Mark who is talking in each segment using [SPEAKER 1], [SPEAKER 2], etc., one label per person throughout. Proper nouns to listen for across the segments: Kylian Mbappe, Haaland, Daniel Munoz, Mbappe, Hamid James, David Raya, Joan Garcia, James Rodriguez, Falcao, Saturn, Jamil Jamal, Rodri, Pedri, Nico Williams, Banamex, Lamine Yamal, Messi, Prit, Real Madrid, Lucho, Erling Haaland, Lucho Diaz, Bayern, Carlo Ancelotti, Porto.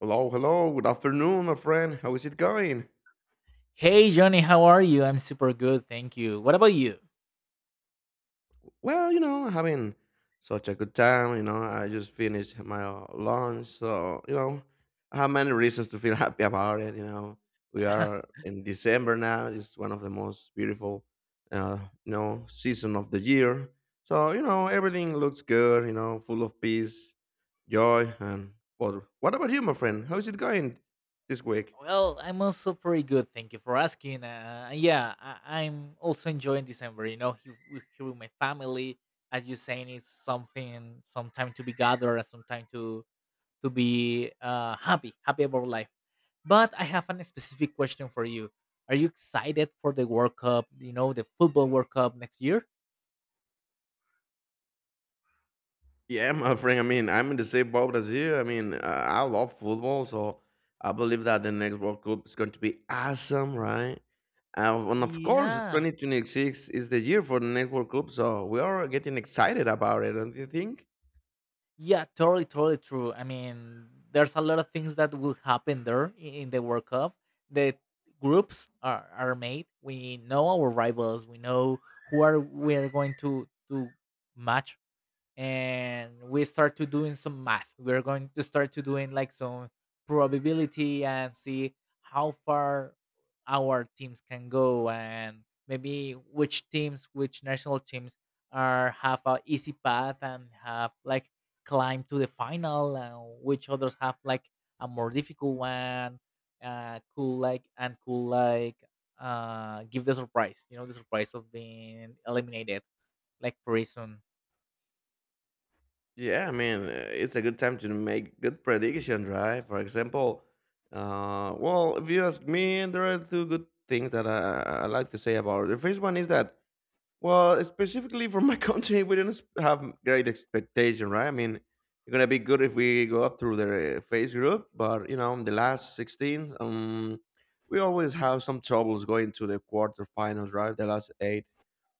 [SPEAKER 1] Hello, hello, good afternoon, my friend. How is it going?
[SPEAKER 2] Hey Johnny, how are you? I'm super good, thank you. What about you?
[SPEAKER 1] Well, you know, having such a good time. You know, I just finished my lunch, so you know, I have many reasons to feel happy about it. You know, we are in December now. It's one of the most beautiful, uh, season of the year. So you know, everything looks good. You know, full of peace, joy, and what? What about you, my friend? How is it going this week?
[SPEAKER 2] Well, I'm also pretty good, thank you for asking. Yeah, I'm also enjoying December. You know, here with my family, as you're saying, it's something, some time to be gathered, and some time to be happy about life. But I have a specific question for you. Are you excited for the World Cup? You know, the football World Cup next year?
[SPEAKER 1] Yeah, my friend. I mean, I'm in the same boat as you. I mean, I love football, so I believe that the next World Cup is going to be awesome, right? And of course,
[SPEAKER 2] Yeah,
[SPEAKER 1] 2026 is the year for the next World Cup, so we are getting excited about it, don't you think?
[SPEAKER 2] Yeah, totally true. I mean, there's a lot of things that will happen there in the World Cup. The groups are made. We know our rivals. We know who are we are going to match, and we start to doing some math. We're going to start to doing like some probability and see how far our teams can go, and maybe which teams, which national teams, are have a easy path and have like climb to the final, and which others have like a more difficult one. Cool, and cool, give the surprise, you know, the surprise of being eliminated like pretty soon.
[SPEAKER 1] Yeah, I mean, it's a good time to make good predictions, right? For example, well, if you ask me, there are two good things that I like to say about it. The first one is that well, specifically for my country, we do not have great expectation, right? I mean, it's gonna be good if we go up through the phase group, but you know, in the last 16, we always have some troubles going to the quarterfinals, right? The last eight.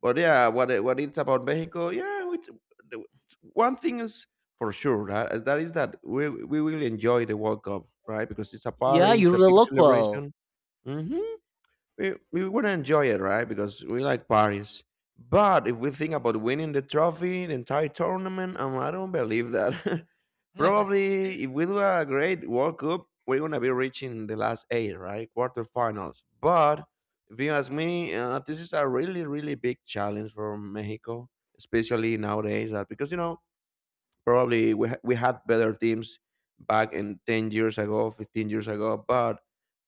[SPEAKER 1] But yeah, what it's about Mexico, yeah, it's, the- one thing is for sure, right? and That is that we will enjoy the World Cup, right? Because it's a
[SPEAKER 2] Yeah,
[SPEAKER 1] party, it's
[SPEAKER 2] you're
[SPEAKER 1] a
[SPEAKER 2] the
[SPEAKER 1] big
[SPEAKER 2] local.
[SPEAKER 1] celebration. Hmm, we want to enjoy it, right? Because we like parties. But if we think about winning the trophy, the entire tournament, I don't believe that. Probably, if we do a great World Cup, we're gonna be reaching the last eight, right? Quarterfinals. But if you ask me, this is a really, really big challenge for Mexico, especially nowadays, because you know probably we had better teams back in 10 years ago, 15 years ago, but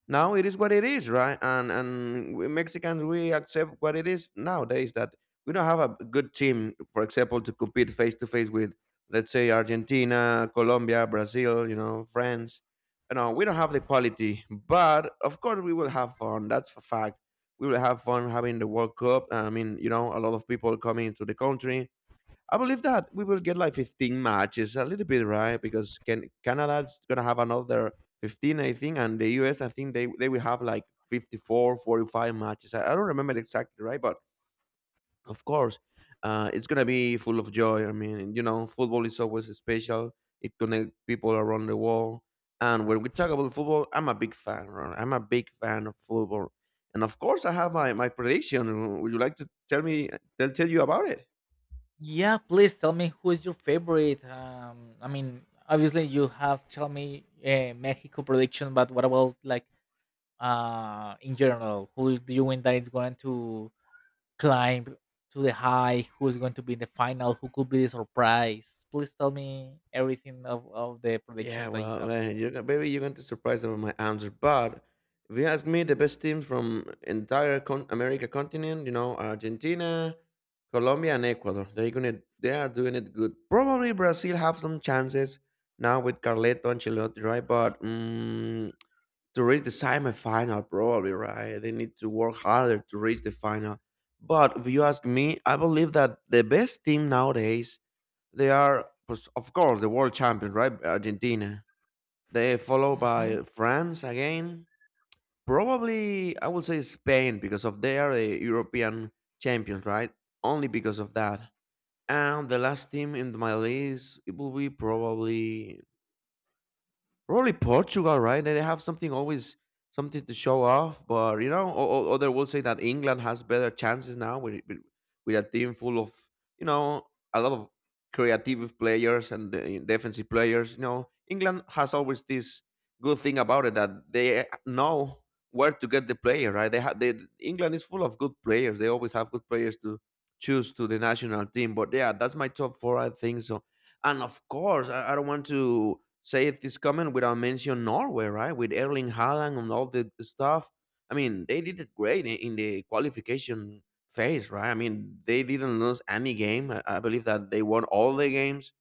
[SPEAKER 1] now it is what it is, right? And we Mexicans, we accept what it is nowadays, that we don't have a good team, for example, to compete face to face with, let's say, Argentina, Colombia, Brazil, you know, France. You know, we don't have the quality, but of course we will have fun. That's a fact. We will have fun having the World Cup. I mean, you know, a lot of people coming to the country. I believe that we will get like 15 matches, a little bit, right? Because Canada's gonna have another 15, I think, and the US, I think they will have like 54, 45 matches. I don't remember exactly, right? But of course, it's gonna be full of joy. I mean, you know, football is always special. It connects people around the world. And when we talk about football, I'm a big fan. Ron, I'm a big fan of football, and of course, I have my prediction. Would you like to tell me? They'll tell you about it.
[SPEAKER 2] Yeah, please tell me who is your favorite. I mean, obviously you have tell me Mexico prediction, but what about like in general? Who do you think that is going to climb to the high? Who is going to be in the final? Who could be the surprise? Please tell me everything of the
[SPEAKER 1] Yeah,
[SPEAKER 2] predictions that you
[SPEAKER 1] well, well, you're maybe you're going to surprise them with my answer. But if you ask me, the best teams from entire America continent, you know, Argentina, Colombia, and Ecuador, they are doing it good. Probably Brazil have some chances now with Carleto Ancelotti, right? But mm, to reach the semifinal, probably right, they need to work harder to reach the final. But if you ask me, I believe that the best team nowadays, they are, pues, of course, the world champion, right? Argentina. They followed
[SPEAKER 2] have.
[SPEAKER 1] by France again. Probably, I would say Spain because of they are the European champions, right? Only because of that. And the last team in my list, it will be probably Portugal, right? They have something always something to show off, but you know, other will say that England has better chances now with a team full of, you know, a lot of creative players and defensive players. You know, England has always this good thing about it, that they know where to get the player, right? They England is full of good players. They always have good players to choose to the national team. But yeah, that's my top four, I think so. And of course, I don't want to say it is common without mention Norway, right? With Erling Haaland and all the stuff. I mean, they did it great in the qualification phase, right? I mean, they didn't lose any game. I believe that they won all the games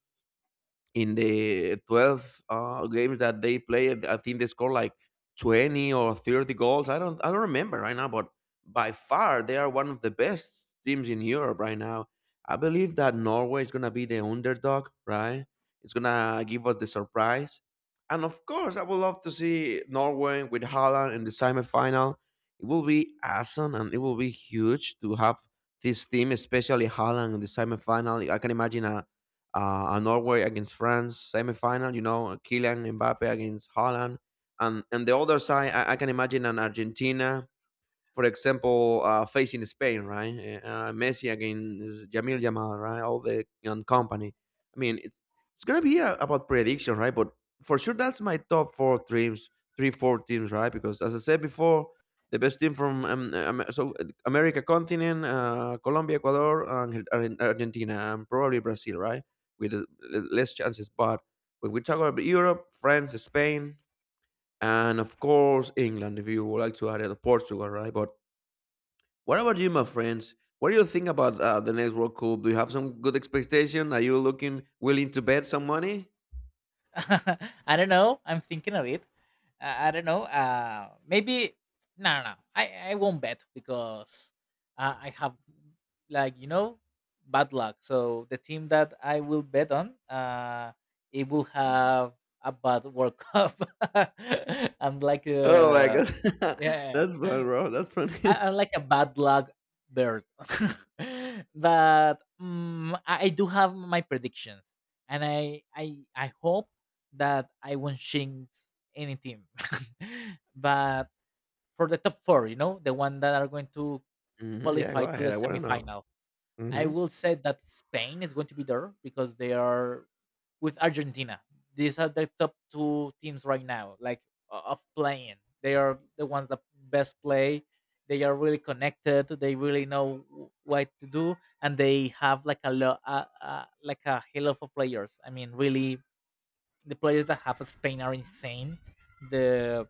[SPEAKER 1] in the 12 games that they played. I think they scored like 20 or 30 goals. I don't remember right now, but by far they are one of the best teams in Europe right now. I believe that Norway is going to be the underdog, right? It's going to give us the surprise. And of course, I would love to see Norway with Holland in the semifinal. It will be awesome, and it will be huge to have this team, especially Holland, in the semifinal. I can imagine a And Norway against France semifinal. You know, Kylian Mbappe against Holland, and the other side, I can imagine an Argentina, for example, facing Spain, right? Messi against Jamil Jamal, right? All the young company. I mean, it's gonna be about prediction, right? But for sure, that's my top three, four teams, right? Because as I said before, the best team from America continent, Colombia, Ecuador, and Argentina, and probably Brazil, right? With l- less chances. But when we talk about Europe, France, Spain, and of course England, if you would like to add it, Portugal, right? But what about you, my friends? What do you think about the next World Cup? Do you have some good expectation? Are you looking willing to bet some money?
[SPEAKER 2] I don't know. I'm thinking of it. I don't know. Maybe no. I won't bet because I have like, you know, bad luck. So the team that I will bet on, it will have a bad World Cup. I'm like,
[SPEAKER 1] Oh my god,
[SPEAKER 2] yeah.
[SPEAKER 1] that's fun, bro. That's fun.
[SPEAKER 2] I, I'm like a bad luck bird. But I do have my predictions, and I hope that I won't jinx any team. But for the top four, you know, the one that are going to
[SPEAKER 1] Hmm, yeah, go
[SPEAKER 2] qualify to the
[SPEAKER 1] ahead. I want to know.
[SPEAKER 2] semifinal, I
[SPEAKER 1] Hmm,
[SPEAKER 2] will say that Spain is going to be there because they are with Argentina. These are the top two teams right now, like of playing. They are the ones that best play. They are really connected. They really know what to do, and they have like like a hell of a players. I mean, really, the players that have Spain are insane. The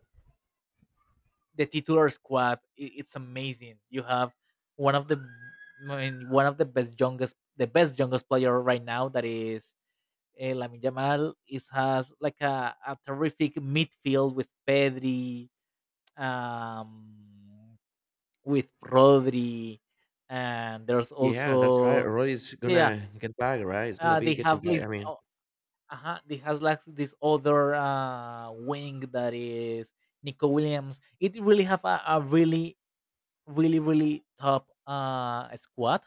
[SPEAKER 2] the titular squad, it's amazing. You have one of the, I mean, one of the best youngest player right now that is Lamine Yamal, is has like a terrific midfield with Pedri, um, with Rodri, and there's
[SPEAKER 1] yeah, that's right.
[SPEAKER 2] also
[SPEAKER 1] Roy's
[SPEAKER 2] yeah, yeah,
[SPEAKER 1] gonna get back, right? It's gonna be
[SPEAKER 2] they
[SPEAKER 1] getting
[SPEAKER 2] have
[SPEAKER 1] back. I
[SPEAKER 2] this.
[SPEAKER 1] mean,
[SPEAKER 2] They has like this other wing that is Nico Williams. It really have a really top squad,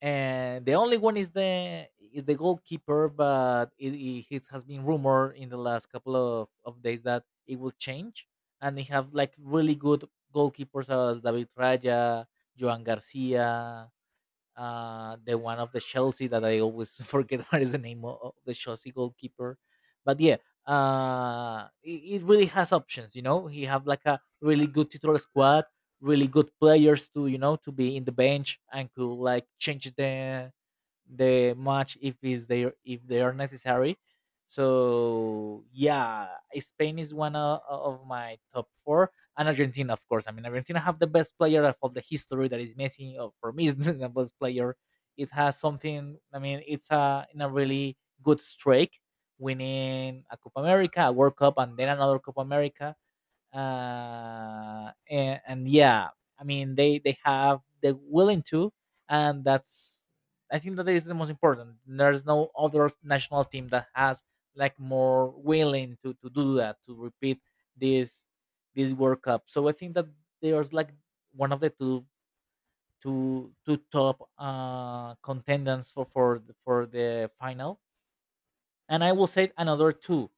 [SPEAKER 2] and the only one is the goalkeeper, but it it has been rumored in the last couple of days that it will change, and they have like really good goalkeepers as David Raya, Joan Garcia, the one of the Chelsea that I always forget what is the name of the Chelsea goalkeeper. But yeah, it, it really has options. You know, he have like a really good titular squad, really good players to, you know, to be in the bench and could like change the match if is they if they are necessary. So yeah, Spain is one of my top four, and Argentina, of course. I mean, Argentina have the best player of all the history that is Messi. Or for me, is the best player. It has something. I mean, it's a in a really good streak, winning a Copa America, a World Cup, and then another Copa America, and yeah, I mean they have the willing to, and that's, I think that is the most important. There's no other national team that has like more willing to do that, to repeat this this World Cup. So I think that there's like one of the two, two top contenders for the final, and I will say another two.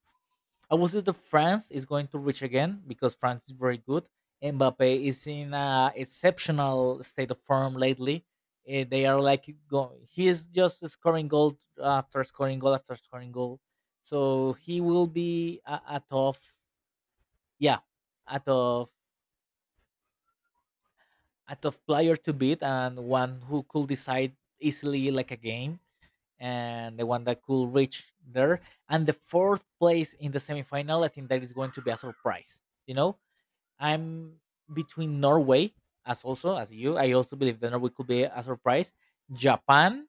[SPEAKER 2] I would say that France is going to reach again because France is very good. Mbappe is in an exceptional state of form lately. They are like go, he is just scoring goal after scoring goal after scoring goal. So he will be a tough, yeah, a tough, a tough player to beat, and one who could decide easily like a game, and the one that could reach there. And the fourth place in the semifinal, I think that is going to be a surprise. You know, I'm between Norway, as also as you. I also believe that Norway could be a surprise. Japan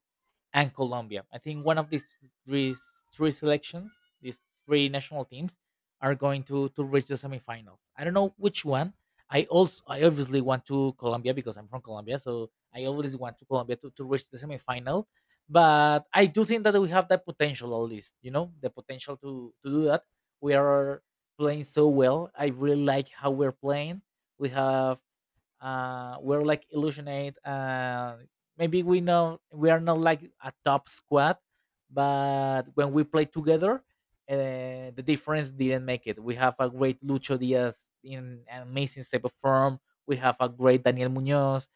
[SPEAKER 2] and Colombia. I think one of these three, selections, these three national teams, are going to reach the semifinals. I don't know which one. I obviously want to Colombia because I'm from Colombia, so I always want to Colombia to reach the semifinal. But I do think that we have that potential, at least, you know, the potential to do that. We are playing so well. I really like how we're playing. We have we're like illusionate. Maybe we know we are not like a top squad, but when we play together, the difference didn't make it. We have a great Lucho Diaz in an amazing step of form. We have a great Daniel Munoz.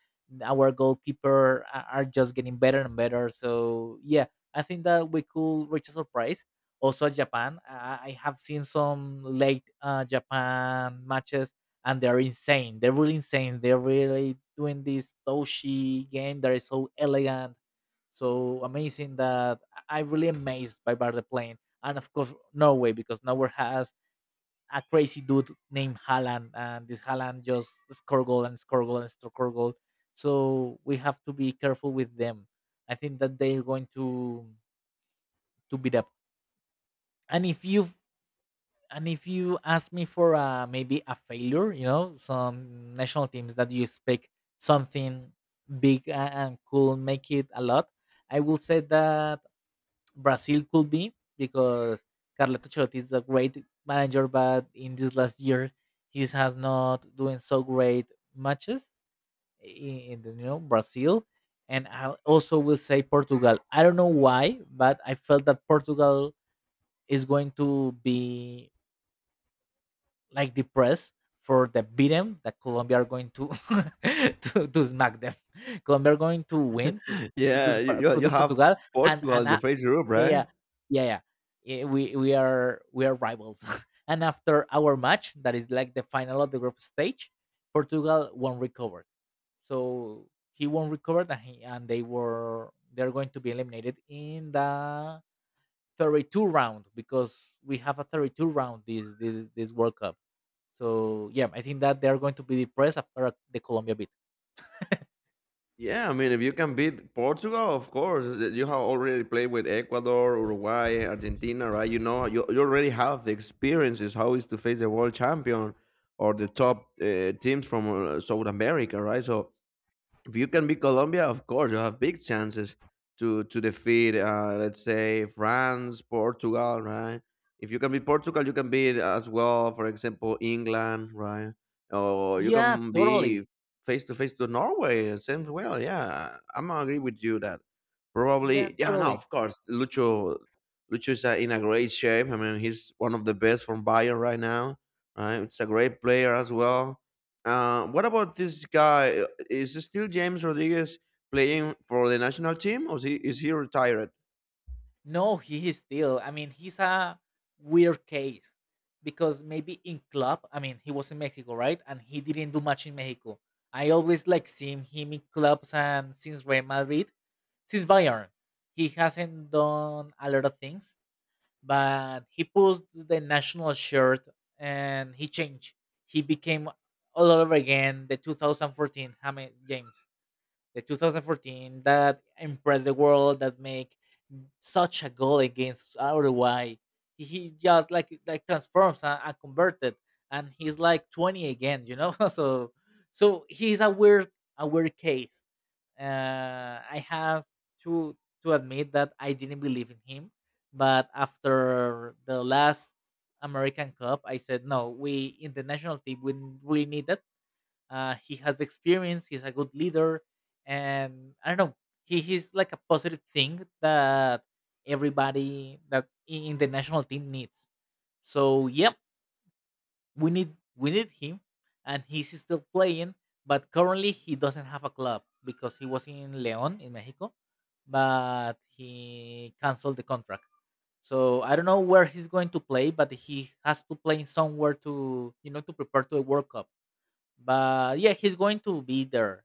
[SPEAKER 2] Our goalkeeper a- are just getting better and better. So yeah, I think that we could reach a surprise, also at Japan. I have seen some late japan matches, and they're insane. They're really insane. They're really doing this Toshi game that is so elegant, so amazing that I'm really amazed by Bar the Plane. And of course, Norway, because Norway has a crazy dude named Haaland, and this Haaland just score goal and score goal and score goal. So we have to be careful with them. I think that they're going to beat up. And if you And if you ask me for maybe a failure, you know, some national teams that you expect something big and could make it a lot, I will say that Brazil could be because Carlo Ancelotti is a great manager, but in this last year, he has not doing so great matches in the, you know, Brazil. And I also will say Portugal. I don't know why, but I felt that Portugal is going to be like the press for the beat 'em that Colombia are going to to smack them. Colombia are going to win to
[SPEAKER 1] yeah, you, you you
[SPEAKER 2] To
[SPEAKER 1] have
[SPEAKER 2] Portugal, and
[SPEAKER 1] Portugal
[SPEAKER 2] and
[SPEAKER 1] in the first group,
[SPEAKER 2] yeah yeah
[SPEAKER 1] right?
[SPEAKER 2] yeah yeah Yeah, we are, we are rivals. And after our match, that is like the final of the group stage, Portugal won't recover. So he won't recover, and, and they were they're going to be eliminated in the 32 round because we have a 32 round this this World Cup. So yeah, I think that they're going to be depressed after the Colombia beat.
[SPEAKER 1] Yeah, I mean, if you can beat Portugal, of course, you have already played with Ecuador, Uruguay, Argentina, right? You know, you already have the experiences how is to face the world champion or the top teams from South America, right? So if you can beat Colombia, of course, you have big chances to defeat, let's say, France, Portugal, right? If you can beat Portugal, you can beat as well, for example, England, right? Or you
[SPEAKER 2] Yeah,
[SPEAKER 1] can be
[SPEAKER 2] totally.
[SPEAKER 1] face to face to Norway, same well. Yeah, I'm agree with you that
[SPEAKER 2] Yeah,
[SPEAKER 1] probably, yeah, no,
[SPEAKER 2] totally.
[SPEAKER 1] of course. Lucho's in a great shape. I mean, he's one of the best from Bayern right now. Right, it's a great player as well. What about this guy? Is it still James Rodriguez playing for the national team, or is he retired?
[SPEAKER 2] No, he is still. I mean, he's a weird case because maybe in club, I mean, he was in Mexico, right? And he didn't do much in Mexico. I always like seeing him in clubs, and since Real Madrid, since Bayern, he hasn't done a lot of things. But he pulled the national shirt, and he changed. He became all over again the 2014 Hamid James, the 2014 that impressed the world, that make such a goal against Uruguay. He just like transforms and converted, and he's like 20 again, you know. So so he's a weird, a weird case. I have to to admit that I didn't believe in him, but after the last American Cup, I said no. We in the national team we really need that, he has the experience. He's a good leader, and I don't know. He's like a positive thing that everybody that in the national team needs. So yep, we need him, and he's still playing. But currently, he doesn't have a club because he was in León in Mexico, but he canceled the contract. So I don't know where he's going to play, but he has to play somewhere to, you know, to prepare to the World Cup. But yeah, he's going to be there.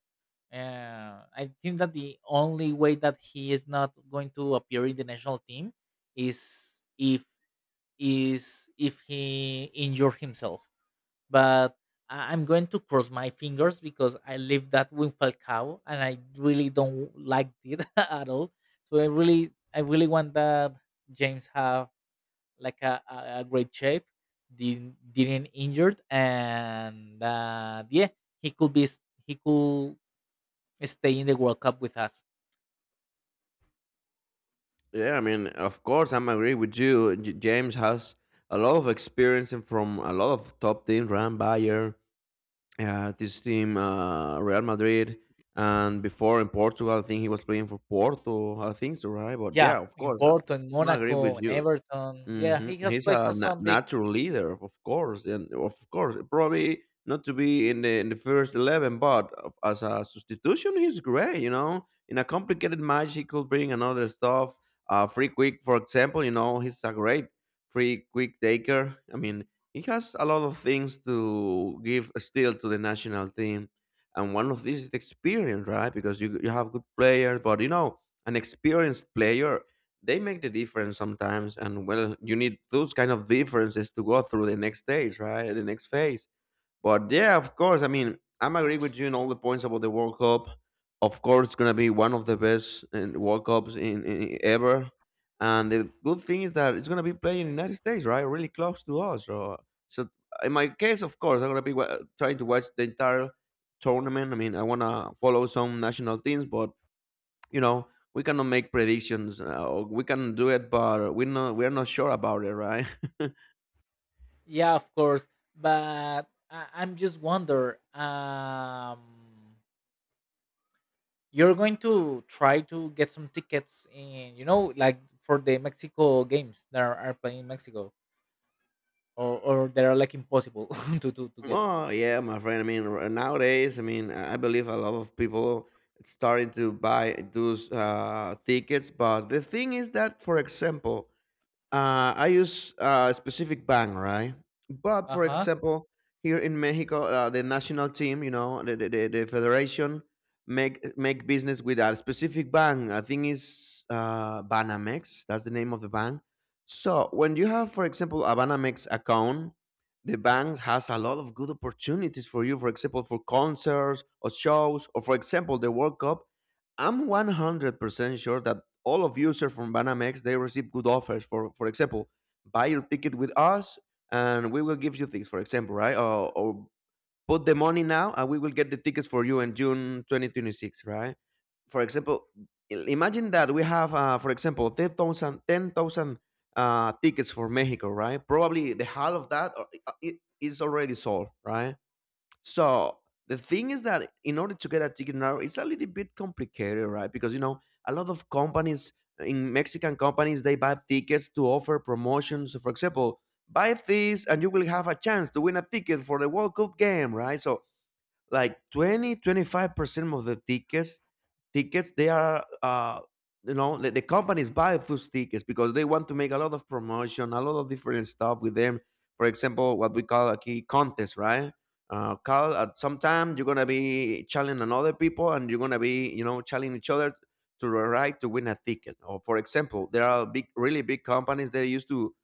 [SPEAKER 2] I think that the only way that he is not going to appear in the national team is if he injure himself. But I- I'm going to cross my fingers because I live that with Falcao and I really don't like it at all. So I really want that James have like a great shape, didn't injured, and yeah, he could be s- he could stay in the World Cup with us.
[SPEAKER 1] Yeah, I mean, of course, I'm agree with you. James has a lot of experience and from a lot of top teams, right? Bayern, this team, Real Madrid, and before in Portugal, I think he was playing for Porto. I think so, right? But
[SPEAKER 2] Yeah,
[SPEAKER 1] yeah, of
[SPEAKER 2] in
[SPEAKER 1] course,
[SPEAKER 2] Porto, in
[SPEAKER 1] I agree
[SPEAKER 2] Monaco,
[SPEAKER 1] with
[SPEAKER 2] in
[SPEAKER 1] you.
[SPEAKER 2] Everton. Yeah, he
[SPEAKER 1] Mhm.
[SPEAKER 2] has
[SPEAKER 1] He's
[SPEAKER 2] played for
[SPEAKER 1] a
[SPEAKER 2] some big.
[SPEAKER 1] natural leader, of course, and of course, probably not to be in the first 11, but as a substitution, he's great. You know, in a complicated match, he could bring another stuff. Free quick, for example, you know, he's a great free quick taker. I mean, he has a lot of things to give still to the national team, and one of these is experience, right? Because you have good players, but an experienced player they make the difference sometimes, and well, you need those kind of differences to go through the next stage, right? The next phase. But yeah, of course, I mean, I'm agree with you in all the points about the World Cup. Of course, it's going to be one of the best world cups in ever. And the good thing is that it's going to be playing in the United States, right? Really close to us, so in my case, of course, I'm going to be trying to watch the entire tournament. I mean, I want to follow some national teams, but you know we cannot make predictions, or we can do it, but we're not sure about it, right?
[SPEAKER 2] Yeah, of course, but I'm just wonder. You're going to try to get some tickets in, you know, like for the Mexico games that are playing in Mexico, or they are like impossible to get.
[SPEAKER 1] Oh yeah, my friend, I mean, nowadays, I mean, I believe a lot of people starting to buy those tickets, but the thing is that, for example, I use a specific bank, right? But
[SPEAKER 2] Uh
[SPEAKER 1] for
[SPEAKER 2] huh.
[SPEAKER 1] example, here in Mexico, the national team, the federation make business with a specific bank. I think it's Banamex. That's the name of the bank. So when you have, for example, a Banamex account, the bank has a lot of good opportunities for you. For example, for concerts or shows, or for example, the World Cup. I'm 100% sure that all of users from Banamex they receive good offers. For example, buy your ticket with us and we will give you things. For example, right? Or put the money now and we will get the tickets for you in June 2026, right? For example, imagine that we have, for example, 10,000 tickets for Mexico, right? Probably the half of that, is already sold, right? So the thing is that in order to get a ticket now, it's a little bit complicated, right? Because a lot of companies in Mexican companies they buy tickets to offer promotions. So, for example, buy this and you will have a chance to win a ticket for the World Cup game, right? So like 20-25% of the tickets they are the companies buy those tickets because they want to make a lot of promotion, a lot of different stuff with them. For example, what we call a key contest, right? Call at some time, you're gonna be challenging other people, and you're gonna be challenging each other to the right to win a ticket. Or for example, there are big, really big companies that used to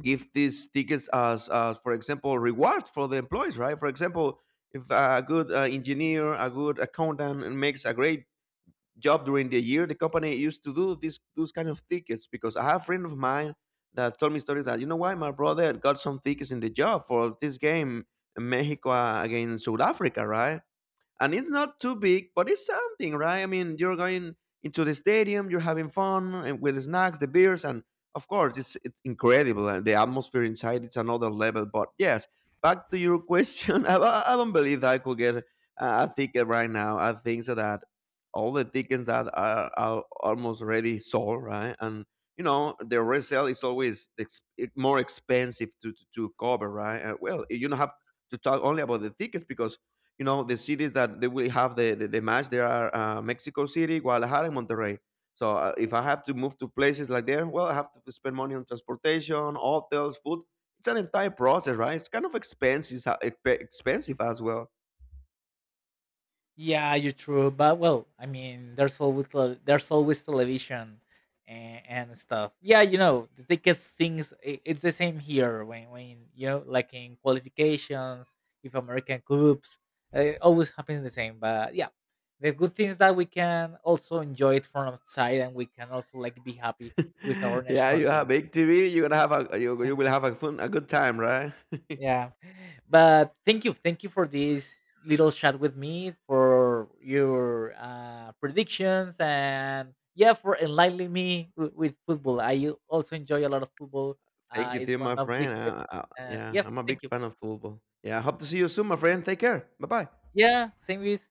[SPEAKER 1] give these tickets as, for example, rewards for the employees, right? For example, if a good engineer, a good accountant makes a great job during the year, the company used to do this, those kind of tickets. Because I have a friend of mine that told me stories that, why my brother got some tickets in the job for this game in Mexico, against South Africa, right? And it's not too big, but it's something, right? I mean, you're going into the stadium, you're having fun, and with the snacks, the beers, and of course, it's incredible, and the atmosphere inside, it's another level. But yes, back to your question, I don't believe that I could get a ticket right now. I think so that all the tickets that are almost already sold, right? And the resale is always more expensive to cover, right? Well, you don't have to talk only about the tickets because the cities that they will have the match there are Mexico City, Guadalajara, and Monterrey. So, if I have to move to places like there, well, I have to spend money on transportation, hotels, food. It's an entire process, right? It's kind of expensive, expensive as well.
[SPEAKER 2] Yeah, you're true. But well, I mean, there's always there's always television and stuff. Yeah, you know, the biggest things. It's the same here when you know, like in qualifications, if American Cups, it always happens the same. But yeah, the good thing is that we can also enjoy it from outside, and we can also like be happy with our
[SPEAKER 1] Yeah,
[SPEAKER 2] national
[SPEAKER 1] you have
[SPEAKER 2] teams.
[SPEAKER 1] big TV. You're gonna have you will have a fun, a good time, right?
[SPEAKER 2] Yeah. But thank you. Thank you for this little chat with me, for your predictions, and yeah, for enlightening me with football. I also enjoy a lot of football.
[SPEAKER 1] Thank you,
[SPEAKER 2] It's
[SPEAKER 1] Theo,
[SPEAKER 2] one
[SPEAKER 1] my
[SPEAKER 2] of big
[SPEAKER 1] friend.
[SPEAKER 2] and
[SPEAKER 1] Yeah,
[SPEAKER 2] yeah,
[SPEAKER 1] I'm a big
[SPEAKER 2] thank you.
[SPEAKER 1] fan of football. Yeah, I hope to see you soon, my friend. Take care. Bye bye.
[SPEAKER 2] Yeah, same with